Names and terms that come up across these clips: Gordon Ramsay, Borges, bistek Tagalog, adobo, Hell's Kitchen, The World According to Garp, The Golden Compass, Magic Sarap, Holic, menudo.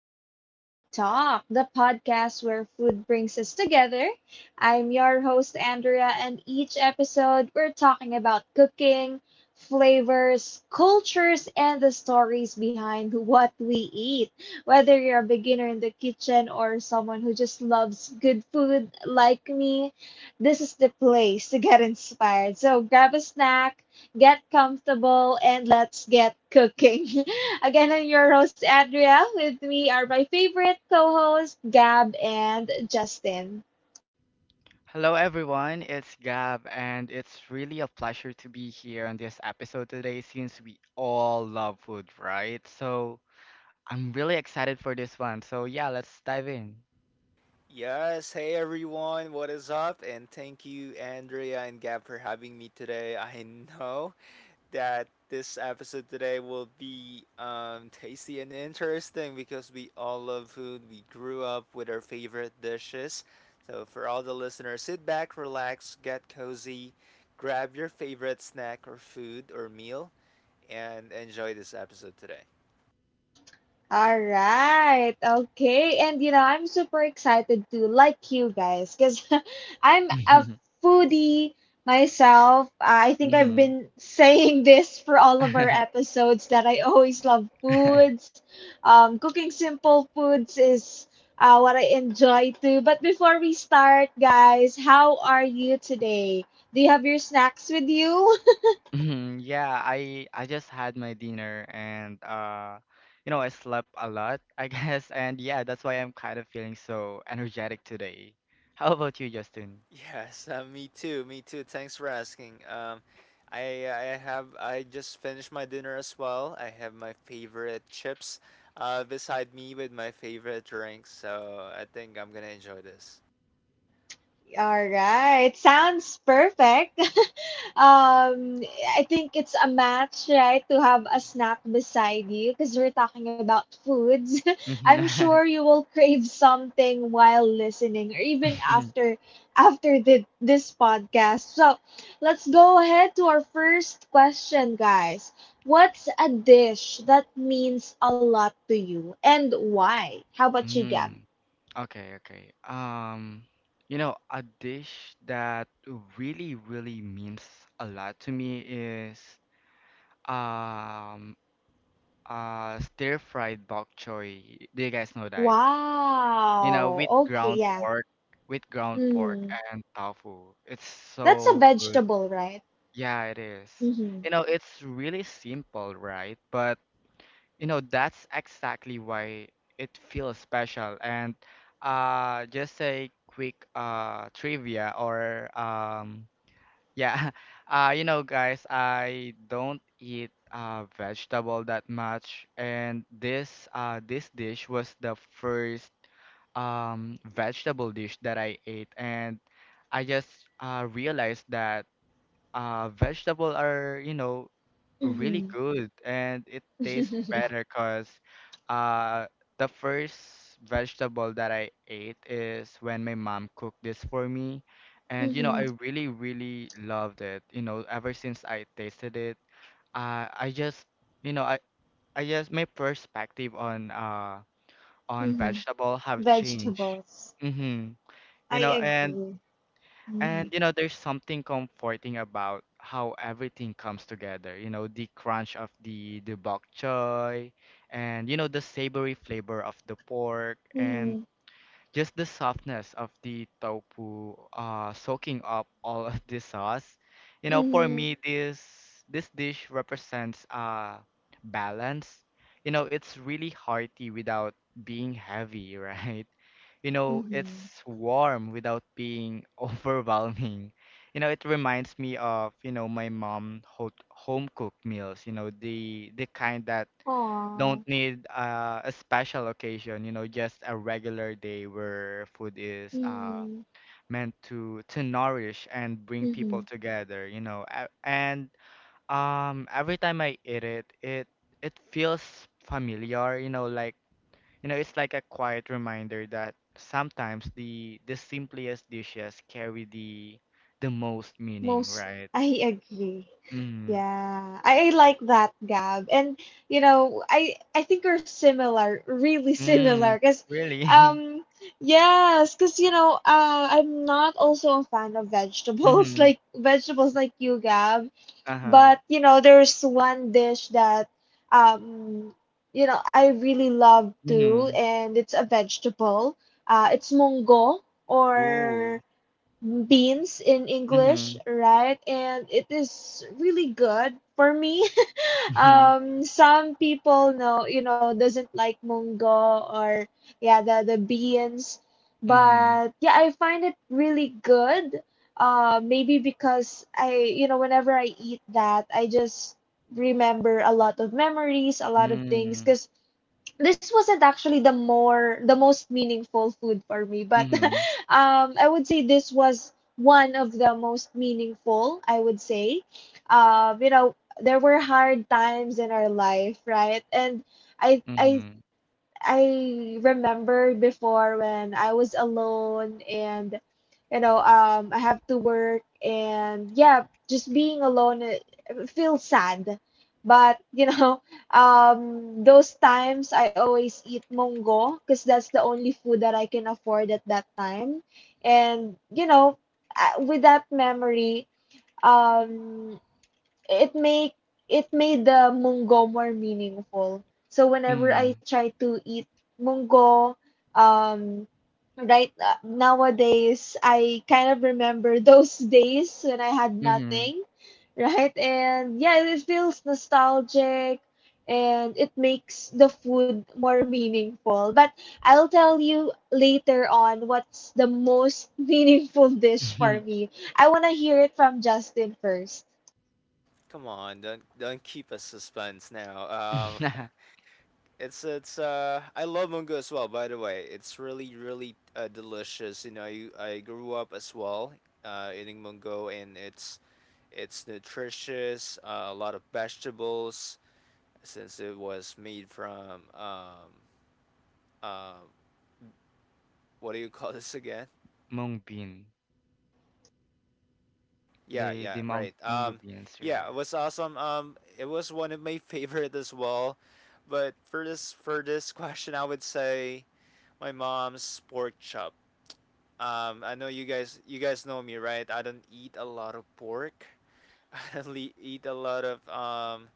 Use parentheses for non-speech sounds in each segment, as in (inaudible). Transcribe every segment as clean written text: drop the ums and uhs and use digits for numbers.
the Food Talk, the podcast where food brings us together. I'm your host, Andrea, and each episode we're talking about cooking, flavors, cultures, and the stories behind what we eat. Whether you're a beginner in the kitchen or someone who just loves good food like me, this is the place to get inspired. So grab a snack, get comfortable, and let's get cooking. (laughs) Again, I'm your host, Andrea. With me are my favorite co hosts, Gab and Justin. Hello, everyone. It's Gab, and it's really a pleasure to be here on this episode today since we all love food, right? So I'm really excited for this one. Let's dive in. Yes, hey everyone, what is up? And thank you, Andrea and Gab, for having me today. I know that this episode today will be tasty and interesting because we all love food. We grew up with our favorite dishes. So, for all the listeners, sit back, relax, get cozy, grab your favorite snack or food or meal, and enjoy this episode today. All right. Okay. And I'm super excited to like you guys cuz (laughs) I'm a (laughs) foodie myself. I think I've hmm been (laughs) saying this for all of our (laughs) episodes that I always love foods. Cooking simple foods is what I enjoy too. But before we start, guys, how are you today? Do you have your snacks with you? (laughs) Mhm. Yeah, I just had my dinner and you know, I slept a lot, (laughs) I guess, and yeah, that's why I'm kind of feeling so energetic today. How about you, Justin? Yes, me too. Me too. Thanks for asking. I just finished my dinner as well. I have my favorite chips beside me with my favorite drinks, so I think I'm gonna enjoy this. All right. Sounds perfect. (laughs) um, I think it's a match, right, to have a snack beside you because we're talking about foods. (laughs) I'm sure (laughs) you will crave something while listening or even after this podcast. So, let's go ahead to our first question, guys. What's a dish that means a lot to you and why? How about you, Gab? Mm-hmm. (laughs) Okay, okay. Um, you know, a dish that really, really means a lot to me is um stir-fried bok choy. Do you guys know that? You know, Wow. with Okay, ground yeah. pork, with ground pork, Mm. and tofu. It's That's a so good. vegetable, right? Yeah, it is. Mm-hmm. You know, it's really simple, right? But you know, that's exactly why it feels special. And just a quick trivia or yeah, (laughs) you know, guys, I don't eat vegetable that much, and this dish was the first vegetable dish that I ate, and I just realized that vegetable are, you know, really Mm-hmm. good and it tastes (laughs) better because uh the first vegetable that I ate is when my mom cooked this for me, and you know, Mm-hmm. I really, really loved it. You know, ever since I tasted it, I just, you know, I just my perspective on Mm-hmm. vegetable have changed. Vegetables. Mm-hmm. You I know, and agree. Mm-hmm. and you know, there's something comforting about how everything comes together. You know, the crunch of the bok choy, and you know, the savory flavor of the pork, and Mm-hmm. just the softness of the tofu soaking up (laughs) all of the sauce. You know, for Mm-hmm. me, this dish represents balance. You know, it's really hearty without being heavy, (laughs) right? You know, Mm-hmm. it's warm without being (laughs) overwhelming. You know, it reminds me of, you know, my mom ho home cooked meals, you know, the kind that Aw. don't need a special occasion, you know, just a regular day where food is Mm-hmm. meant to nourish and bring people Mm-hmm. together, you know. And every time I eat it, it feels familiar, you know, like you know, it's like a quiet reminder that sometimes the simplest dishes carry the most meaning, Most, right? I agree. Mm. Yeah, I like that, Gab. And I think we're similar, really (laughs) similar. Mm. Really? (laughs) um, yes, cause I'm not also a fan of vegetables, (laughs) Mm-hmm. like vegetables like you, Gab. Uh-huh. But there's one dish that, um, I really love too, Mm-hmm. and it's a vegetable. It's mongo or Ooh. beans in English, Mhm, right? And it is really good for me. (laughs) mhm, Some people know, doesn't like mungo or yeah, the beans, mhm, but yeah, I find it really good. Maybe because whenever I eat that, I just remember a lot of memories, a lot of things, mm, because this wasn't actually the most meaningful food for me, but mhm, (laughs) I would say this was one of the most meaningful, I would say. um you know there were hard times in our life, right? And i i mhm, I remember before when I was alone, and I have to work, and yeah, just being alone, it feels sad. But (laughs) those times I always eat mongo, because that's the only food that I can afford at that time. And with that memory, um it make it made the munggo more meaningful. So whenever I mhm, try to eat munggo, um, right, nowadays I kind of remember (laughs) those days when I had mhm, nothing, right? And yeah, it feels nostalgic, and it makes the food more meaningful. But I'll tell you later on what's the most (laughs) meaningful dish mhm. for me. I want to hear it from Justin first. Come on, don't keep us suspense now. (laughs) (laughs) It's I love mango as well. By the way, it's really delicious. You know, I grew up as well eating mango, and it's nutritious. A lot of vegetables since it was made from um what do you call (laughs) this again? Mung bean. Yeah, yeah, The right. mungo beans, yeah. Yeah, it was awesome. It was one of my (laughs) favorite as well. But for this question I would say my mom's pork chop. I know you guys know me, right? I don't eat a lot of pork. (laughs) I don't eat a lot of um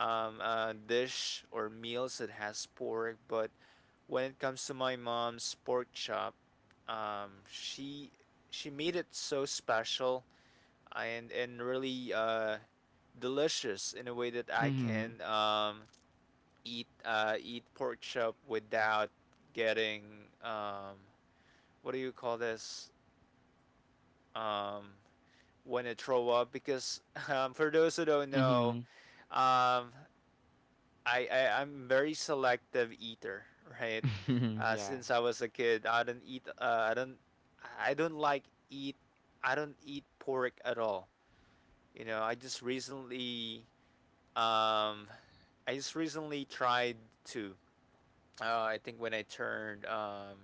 um uh, dish or meals that has pork, but when it comes to my mom's pork chop, um, she she made it so special and really delicious in a way that I Mhm, can eat eat pork chop without getting um, what do you call this um, when I throw up, because (laughs) for those who don't know, mhm, um, I'm very selective eater, right? (laughs) Yeah. Since I was a kid, I don't eat. I don't. I don't like eat. I don't eat pork at all. You know, I just recently. Um, I just recently tried to. I think when I turned um,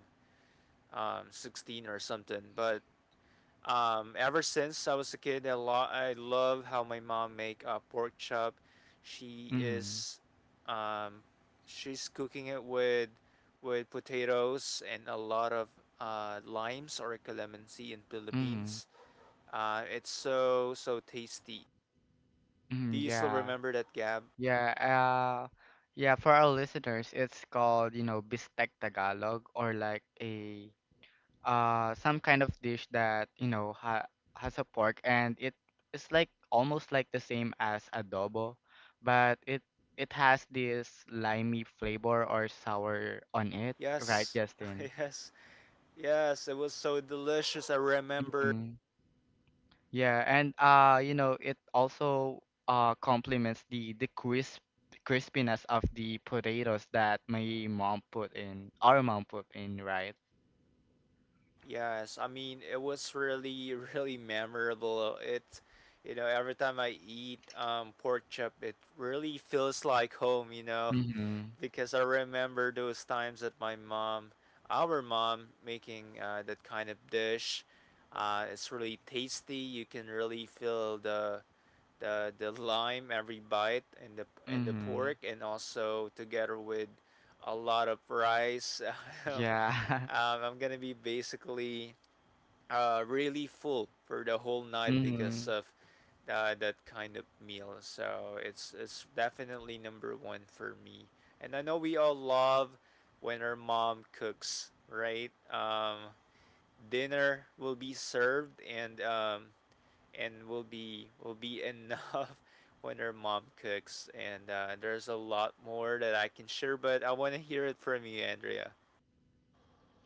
um, 16 or something, but ever since I was a kid, I, I love how my mom make pork chop. She Mhm, is, um, she's cooking it with potatoes and a lot of limes, or calamansi in mhm, Philippines. It's so so tasty. mhm, Do you still yeah, remember that, Gab? yeah. Yeah. For our listeners, it's called you know bistek Tagalog, or like a some kind of dish that you know ha has a pork and it is like almost like the same as adobo, but it has this limey flavor or sour on it, right, Yes, (laughs) Justin? yes, yes. It was so delicious. I remember, Hmm. Yeah, and you know, it also complements the crispiness of the potatoes that my mom put in our mom put in, right? yes, I mean it was really (laughs) really memorable. It, you know, every time I eat pork chop, it really feels like home, you know, Mm-hmm. (laughs) because I remember those times that my mom, our mom, making that kind of dish. It's really tasty. You can really feel the the lime every bite in the Mm-hmm. pork, and also together with a lot of rice. (laughs) um, Yeah. I'm gonna be basically really full for the whole (laughs) night because Mm-hmm. of that kind of meal. So it's definitely number one for me. And I know we all love when our mom cooks, right? Dinner will be served and will be enough (laughs) when our mom cooks. And there's a lot more that I can share, but I want to hear it from you, Andrea.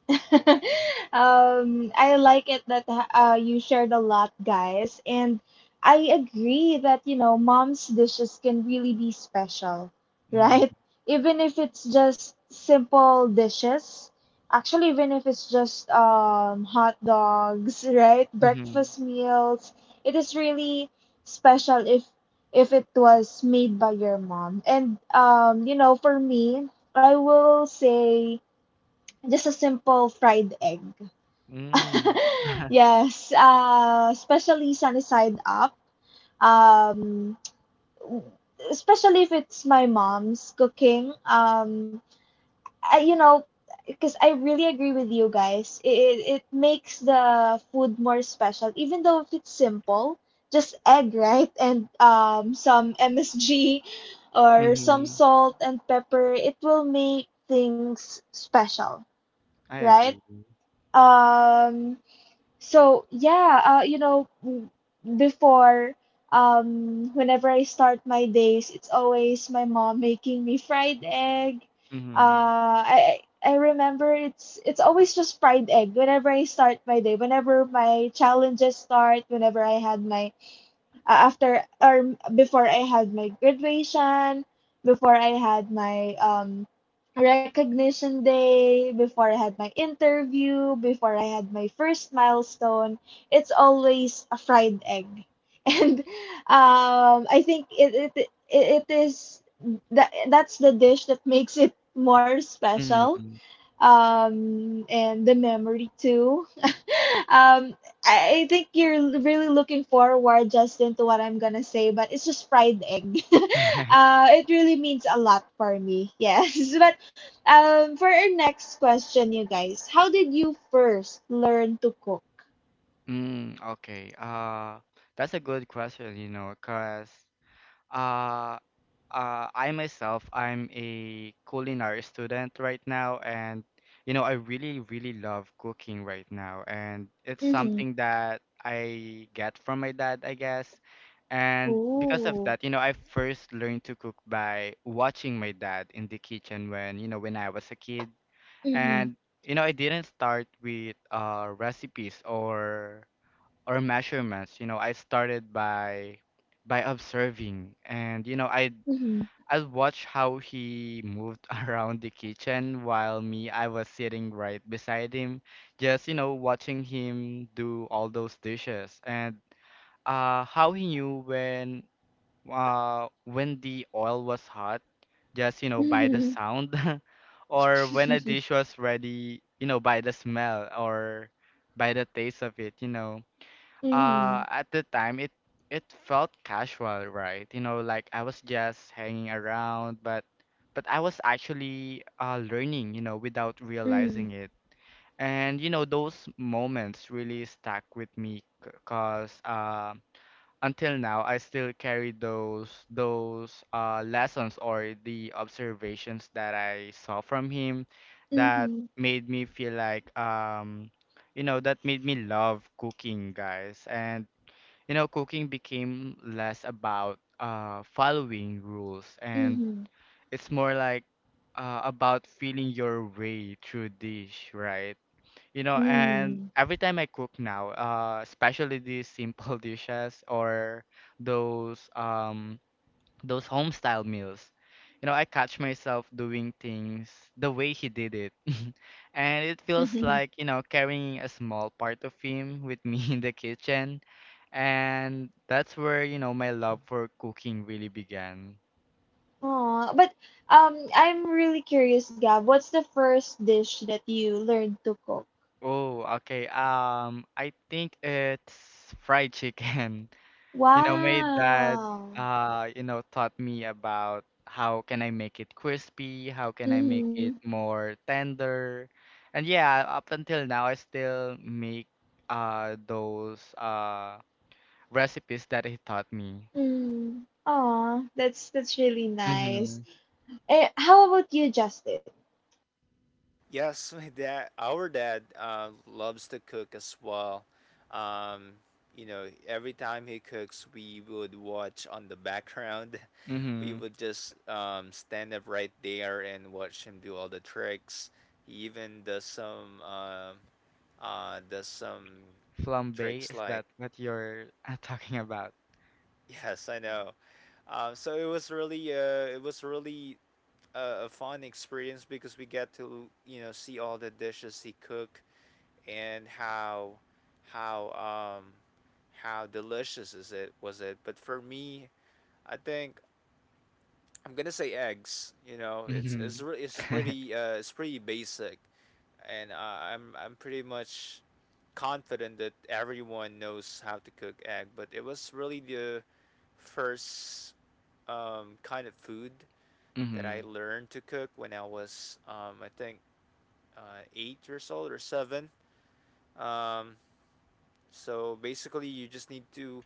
(laughs) I like it that you shared a lot, guys, and I agree that mom's dishes can really be special, (laughs) right? Even if it's just simple dishes. Actually, even if it's just hot dogs, (laughs) right? Mhm. Breakfast meals, it is really special if it was made by your mom. And for me, I will say just a simple fried egg. (laughs) Mm. (laughs) Yes, especially sunny side up. Um, especially if it's my mom's cooking. I, you know, because I really agree with you guys. It makes the food more special, even though if it's simple, just egg, right? And some MSG (laughs) or some Mhm. salt and pepper. It will make things special, I right? agree. Um, so yeah, before, whenever I start my days, it's always my mom making me fried egg. Mhm. I remember it's always just fried egg whenever I start my day, whenever my challenges start, whenever I had my after or before I had my graduation, before I had my recognition day, before I had my interview, before I had my first milestone, it's always a fried egg. (laughs) And I think it it it, it is that that's the dish that makes it more special. Mhm. And the memory too. Um, I think you're really looking forward, Justin, to what I'm gonna say, but it's just fried egg. (laughs) (laughs) It really means a lot for me. Yes, (laughs) but for our next question, you guys, how did you first learn to cook? Mm, okay. That's a good question, you know, 'cause uh I myself, I'm a culinary student right now, and you know, I really, really love cooking right now, and it's Mm-hmm. something that I get from my dad, I guess. And because of Ooh. that, you know, I first learned to cook by watching my dad in the kitchen when, you know, when I was a kid. Mm-hmm. And, you know, I didn't start with recipes or measurements. You know, I started by observing. And, you know, I Mm-hmm. I'd watch how he moved (laughs) around the kitchen while me, I was sitting right beside him, just, you know, watching him do all those dishes and how he knew when the oil was hot, just, you know, by the Mm-hmm. sound (laughs) or when a dish was ready, you know, by the smell or by the taste of it, you know. Mm-hmm. At the time, it felt casual, right? You know, like I was just hanging around, but I was actually learning, you know, without realizing it. And you know, those moments really stuck with me, cause until now I still carry those lessons or the observations that I saw from him Mm-hmm. that Mm-hmm. made me feel like you know, that made me love cooking, guys, and you know, cooking became less about following rules and it's more like about feeling your way through dish, right? You know, and Mm-hmm. every time I cook now, especially these simple (laughs) dishes or those um, those home style meals. You know, I catch myself doing things the way he did it. (laughs) And it feels Mm-hmm. (laughs) like, you know, carrying a small part of him with me (laughs) in the kitchen. And that's where, you know, my love for cooking really began. Aw, but I'm really curious, Gab. What's the first dish that you learned to cook? Oh, okay. I think it's fried chicken. (laughs) You know, my dad, Wow. You know, taught me about how can I make it crispy, how can I make it Mm-hmm. more tender. And yeah, up until now, I still make those recipes that he taught me. Mm. Aw, that's really nice. Mm-hmm. Eh, how about you, Justin? Yes, my dad, our dad, loves to cook as well. Um, you know, every time he cooks, we would watch on the background. (laughs) We Mm-hmm. would just stand up right there and watch him do all the tricks. He even does some Flambe, tricks is like that what you're (laughs) talking about? (laughs) yes, I know. So it was really a fun experience because we get to, you know, see all the dishes he cook and how how um how delicious is it was it. But for me, I think I'm gonna say eggs. You know, it's it's Mm-hmm. (laughs) pretty uh it's pretty basic. And I'm pretty much confident that everyone knows how to cook egg, but it was really the first kind of food that I Mm-hmm. learned to cook when I was I think 8 years old or seven. um so basically you just need to,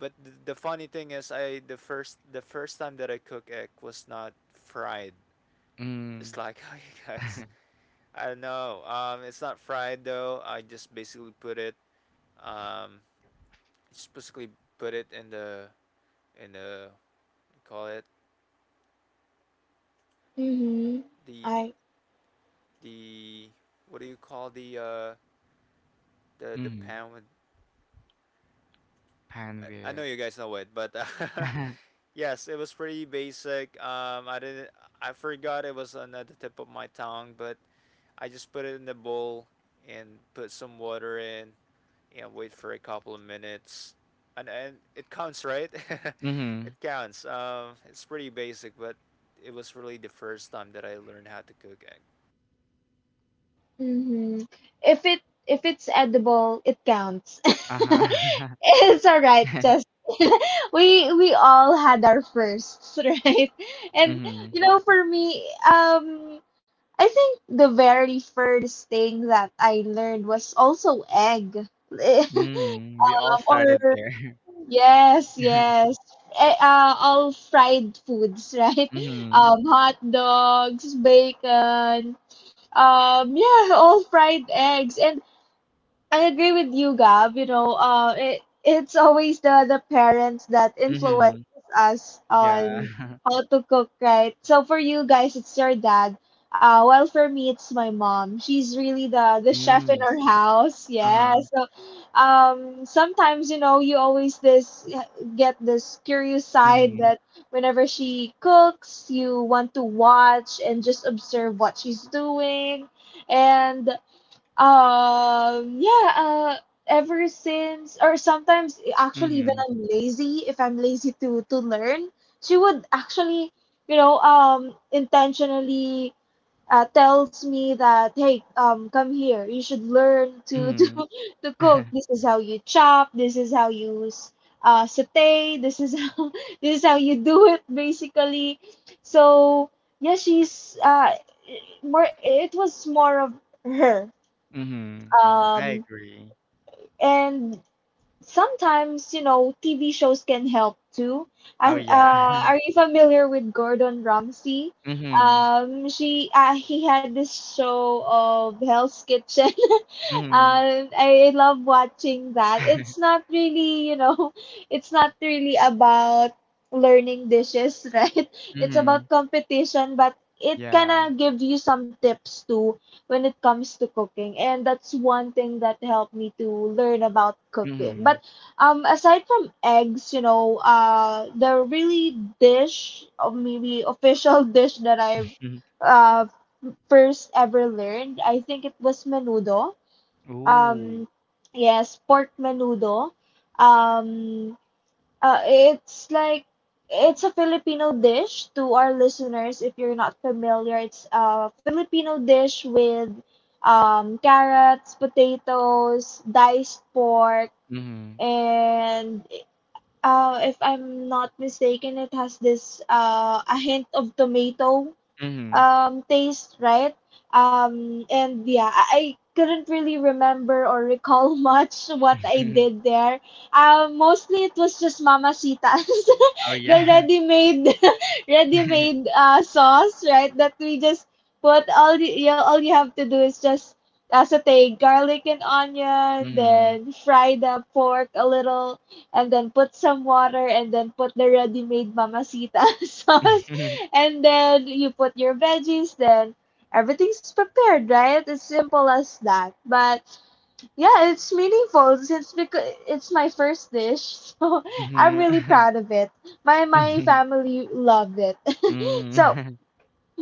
but the funny thing is, I the first time that I cook egg was not fried. Mm-hmm. It's like (laughs) how you guys. (laughs) I don't know. It's not fried though. I just basically put it. Um, just basically put it in the in the, what do you call it, Mm-hmm. the I the, the, what do you call the Mm-hmm. pan with. Pan I know with. you guys know it, but (laughs) (laughs) yes, it was pretty basic. I didn't, I forgot, it was another tip of my tongue, but I just put it in the bowl and put some water in and wait for a couple of minutes. And it counts, right? (laughs) Mm-hmm. It counts. It's pretty basic, but it was really the first time that I learned how to cook egg. hmm If it if it's edible, it counts. (laughs) Uh-huh. It's all right, (laughs) just (laughs) we all had our firsts, (laughs) right? And Mm-hmm. For me, I think the very first thing that I learned was also egg, (laughs) Mm, we all um, started or there. yes, (laughs) yes. All fried foods, (laughs) right? Mm-hmm. Hot dogs, bacon, yeah, all fried eggs. And I agree with you, Gab. You know, it's always the parents that influences Mm-hmm. us on Yeah. (laughs) how to cook, right? So for you guys, it's your dad. Well, for me, it's my mom. She's really the chef in Mm. our house. Yeah. Uh-huh. So, sometimes, you always this get this curious side Mm-hmm. that whenever she cooks, you want to watch and just observe what she's doing. And yeah, ever since, or sometimes actually when Mm-hmm. I'm lazy, if I'm lazy to learn, she would actually, intentionally tells me that, hey, come here, you should learn to (laughs) Mm-hmm. To cook. This (laughs) is how you chop. This is how you saute. This is how (laughs) this is how you do it basically. So yeah, she's more. It was more of her, Mm-hmm. I um, agree. and sometimes, TV shows can help too. Oh yeah. (laughs) Are you familiar with Gordon Ramsay? Mm-hmm. She He had this show of Hell's Kitchen. (laughs) Mm-hmm. I love watching that. It's (laughs) not really, (laughs) it's not really about learning dishes, (laughs) right? It's Mm-hmm. about competition, but it kind Yeah. of gives you some tips too when it comes to cooking, and that's one thing that helped me to learn about cooking. Mm-hmm. But aside from eggs, the really dish or maybe official (laughs) dish that I've (laughs) uh first ever learned, I think it was menudo. Ooh. um yes, pork menudo. um it's like, it's a Filipino dish to our listeners if you're not familiar. It's a Filipino dish with carrots, potatoes, diced pork, Mm-hmm. and if I'm not mistaken, it has this a hint of tomato Mm-hmm. Taste, right? And yeah, I couldn't really remember or recall (laughs) much what I (laughs) did there. Mostly it was just mamacitas, Oh (laughs) the yeah. ready-made (laughs) ready-made (laughs) sauce, right? That we just put all the, you all you have to do is just saute garlic and onion, Mm-hmm. then fry the pork a little, and then put some water, and then put the ready-made mamacita (laughs) sauce, (laughs) and then you put your veggies, then everything's prepared, right? It's simple as that. But yeah, it's meaningful since because it's my first dish, (laughs) so I'm really Mm-hmm. proud of it. My (laughs) family loved it. (laughs) So Mm.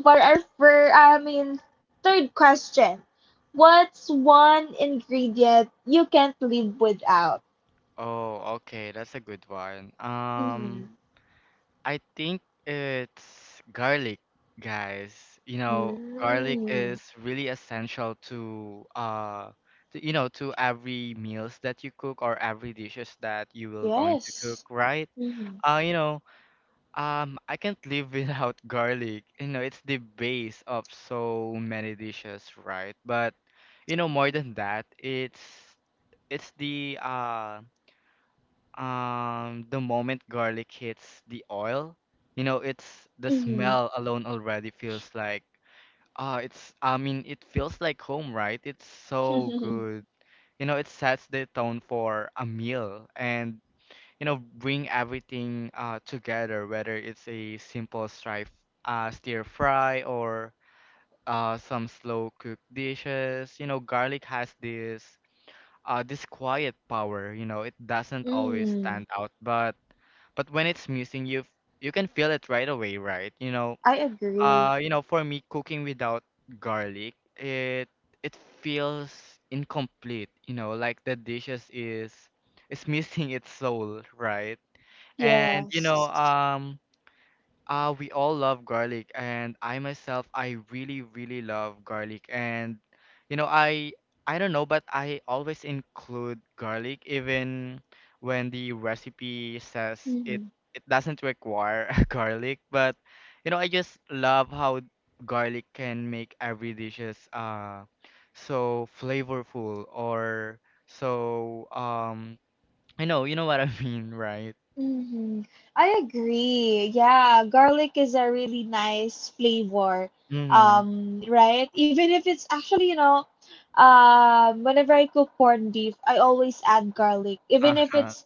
for our, for I mean, third question, what's one ingredient you can't live without? (laughs) Oh, okay, that's a good one. Mhm. I think it's garlic, guys. You know, garlic Mm. is really essential to, you know, to every meals that you cook or every dishes that you will going to cook, Yes. right? Mm-hmm. Uh, you know, I can't live (laughs) without garlic. You know, it's the base of so many dishes, right? But you know, more than that, it's the moment garlic hits the oil, you know, it's the smell alone already feels like, ah, it's, I mean, it feels like home, right? It's so Mm-hmm. good. You know, it sets the tone for a meal and, you know, bring everything together, whether it's a simple stir fry or some slow cooked dishes. You know, garlic has this, this quiet power, you know, it doesn't always stand (laughs) out, but when it's missing, you can feel it right away, right? I agree. You know, for me, cooking without garlic, it feels incomplete. You know, like the dishes is (laughs) missing its soul, right? And you know, Yes. um. We all love garlic, and I myself, I really, really love garlic. And you know, I don't know, but I always include garlic even when the recipe says Hmm. it doesn't require (laughs) garlic. But you know, I just love how garlic can make every dishes so flavorful or so um I know, you know what I (laughs) mean, right? Hmm. I agree. Yeah, garlic is a really nice flavor. Mm-hmm. Right? Even if it's actually, whenever I cook corned beef, I always add garlic. Even if Uh-huh. it's,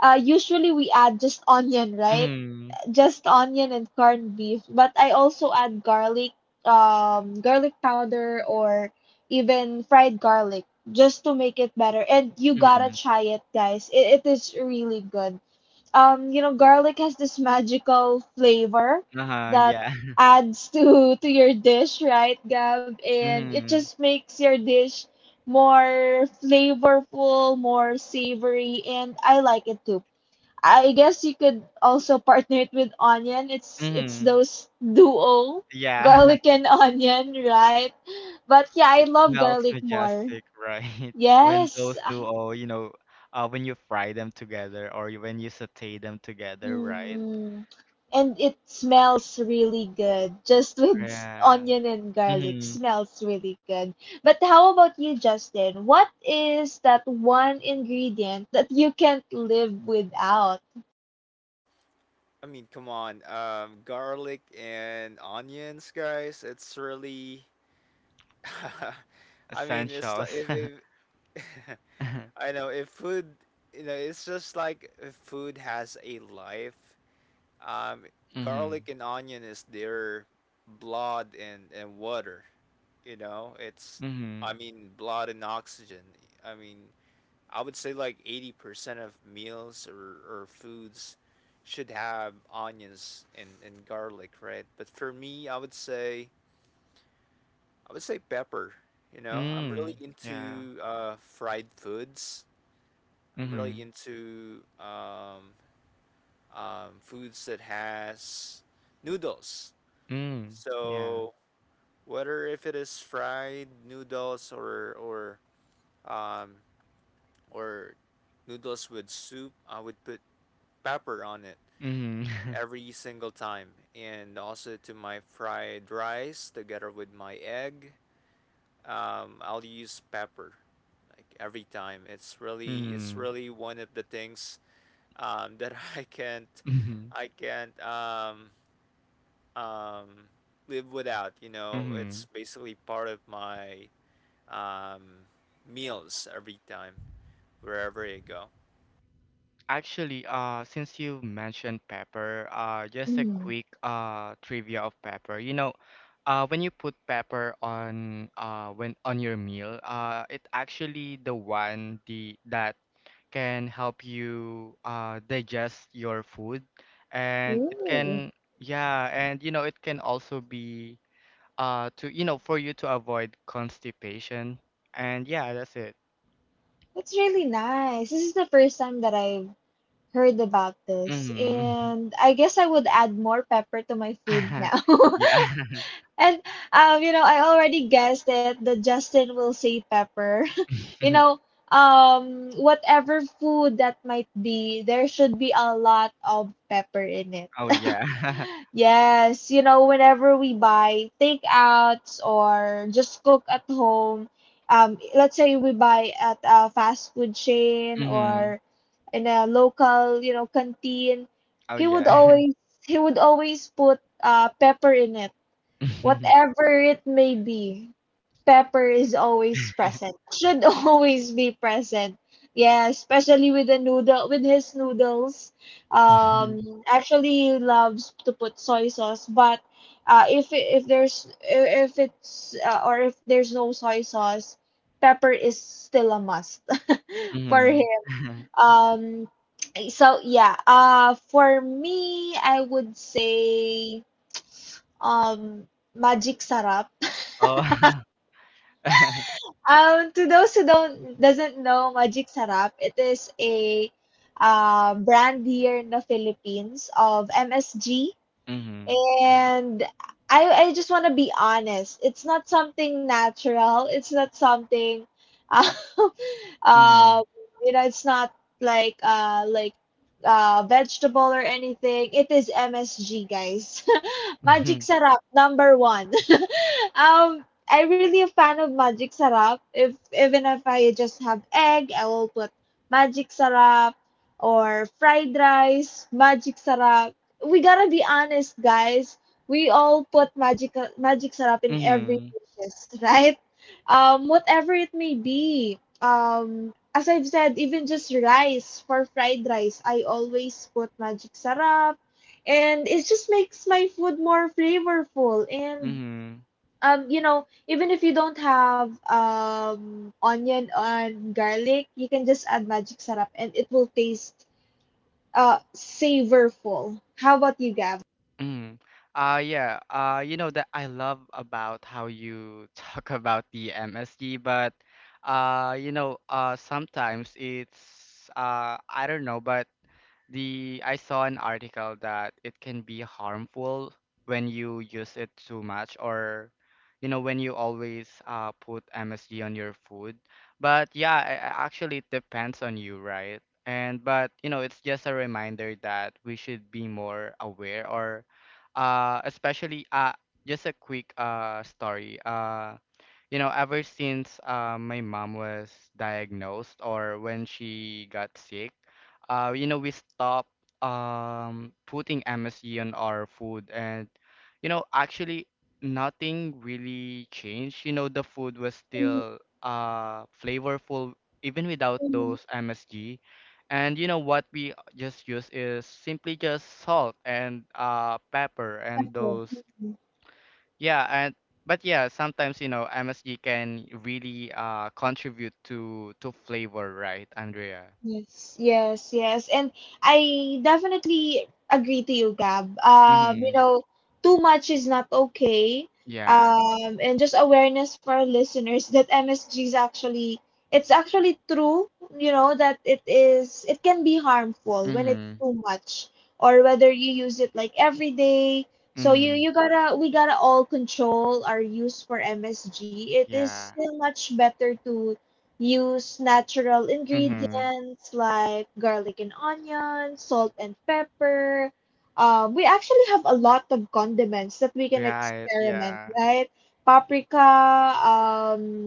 usually we add just onion, right? Mm-hmm. Just onion and corned beef, but I also add garlic, garlic powder, or even fried garlic just to make it better. And you gotta Mm-hmm. try it, guys. It is really good. Garlic has this magical flavor Uh-huh, that yeah. (laughs) adds to (laughs) to your dish, right, Gab? And it Mhm. just makes your dish more flavorful, more savory, and I like it too. I guess you could also partner it with onion. It's Mhm. those (laughs) duo, Yeah. garlic (laughs) and (laughs) onion, right? But yeah, I It love smells garlic more. majestic, right? (laughs) When Yes, those do all, you know, when you fry them together or when you saute them together, right? mm, and it smells really good just with Yeah. onion and garlic. Mhm. Smells really good. But how about you, Justin? What is that one ingredient that you can't live without? I mean, come on, garlic and onions, guys. It's really, (laughs) I mean, it's like Essentials. if, if (laughs) I (laughs) know, if food, you know, it's just like if food has a life. Um, Mhm. garlic and onion is their blood and water. You know, it's, I Mhm. mean, blood and oxygen. I mean, I would say like 80% of meals or foods should have onions and garlic, right? But for me, I would say pepper. You know, I'm really Mm. Yeah. into fried foods. I'm really Mhm. into foods that has noodles. Mm. Yeah. So whether if it is fried noodles or um, or noodles with soup, I would put pepper on it Mhm. every single time, and also to my fried rice together with my egg. I'll use pepper like every time. It's really Mhm. One of the things that (laughs) I can't Mhm. I can't um, um, live without. You know, it's Mhm. (laughs) basically part of my um, meals every time wherever you go. Actually, since you mentioned pepper, just a Mm. quick trivia of pepper. You know, when you put pepper on when on your meal, it actually the one the that can help you digest your food, and it can yeah, and you know it can also be to you know for you to avoid constipation, and yeah, that's it. That's really nice. This is the first time that I've heard about this. Mm-hmm. And I guess I would add more pepper to my food (laughs) now. Yeah. (laughs) and I already guessed it that Justin will say pepper. (laughs) you (laughs) know, whatever food that might be, there should be a lot of pepper in it. Oh, (laughs) yeah. (laughs) Yes, you know, whenever we buy takeouts or just cook at home, let's say we buy at a fast food chain Mhm. or in a local, canteen, Oh, he would yeah. always he would always put pepper in it. (laughs) Whatever it may be, pepper is always present. Should (laughs) always be present. Yeah, especially with the noodle with his noodles. Mhm. (laughs) Actually, he loves to put soy sauce, but if it's or if there's no soy sauce, pepper is still a must (laughs) for him. (laughs) Um, for me, I would say um magic sarap. Oh. (laughs) To those who don't doesn't know Magic Sarap, it is a brand here in the Philippines of MSG. Mhm. And I just want to be honest. It's not something natural. It's not something um, (laughs) um Mhm. It's not like vegetable or anything. It is MSG, guys. (laughs) Magic Mhm. Sarap number 1. (laughs) I am really a fan of Magic Sarap. If Even if I just have egg, I will put Magic Sarap, or fried rice, Magic Sarap. We gotta be honest, guys. We all put magic syrup in every Mhm. dishes, (laughs) right? Whatever it may be. As I've said, even just rice for fried rice, I always put magic syrup, and it just makes my food more flavorful. And Mhm. Even if you don't have onion and garlic, you can just add magic syrup, and it will taste savorful. How about you, Gab? Mhm. (laughs) Yeah. You know, that I love about how you (laughs) talk about the MSG, but sometimes it's I don't know, but The I saw an article that it can be harmful when you use it too much or you know when you always put MSG on your food. But yeah, actually it depends on you, right? And but you know it's just a reminder that we should be more aware or especially just a quick story. You know, ever since my mom was diagnosed or when she got sick, you know, we stopped putting MSG on our food. And, you know, actually, nothing really changed. You know, the food was still flavorful even without Mm, those MSG. And, you know, what we just use is simply just salt and pepper and Echo. those Mm, yeah, and but yeah, sometimes you know MSG can really contribute to flavor, right, Andrea? Yes. And I definitely agree to you, Gab. Mm-hmm. Too much is not okay. Yeah. And just awareness for our listeners that MSG is actually, it's actually true, you know, that it can be harmful when it's Mm-hmm. too much or whether you use it like every day. So you Mm-hmm. you gotta we gotta all control our use for MSG. It is Yeah. still much better to use natural Mm-hmm. ingredients like garlic and onion, salt and pepper. We actually have a lot of condiments that we can Right. experiment, Yeah. right? Paprika, um,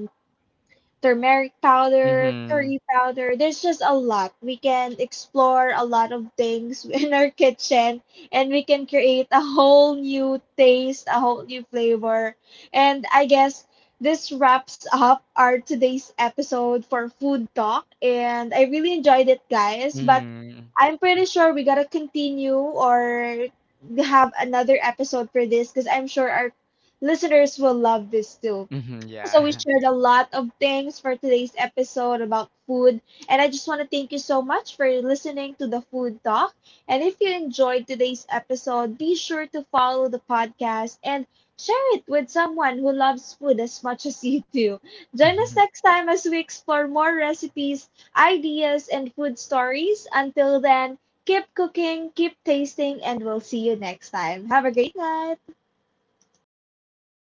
turmeric powder, Mm-hmm. curry powder. There's just a lot. We can explore a lot of things (laughs) in our kitchen, and we can create a whole new taste, a whole new flavor. And I guess this wraps up our today's episode for food talk, and I really enjoyed it, guys, but Mm-hmm. I'm pretty sure we got to continue or have another episode for this because I'm sure our listeners will love this too. Mm-hmm. So we Yeah. shared a lot of things for today's episode about food. And I just want to thank you so much for listening to the Food Talk. And if you enjoyed today's episode, be sure to follow the podcast and share it with someone who loves food as much as you do. Join us (laughs) next time as we explore more recipes, ideas, and food stories. Until then, keep cooking, keep tasting, and we'll see you next time. Have a great night.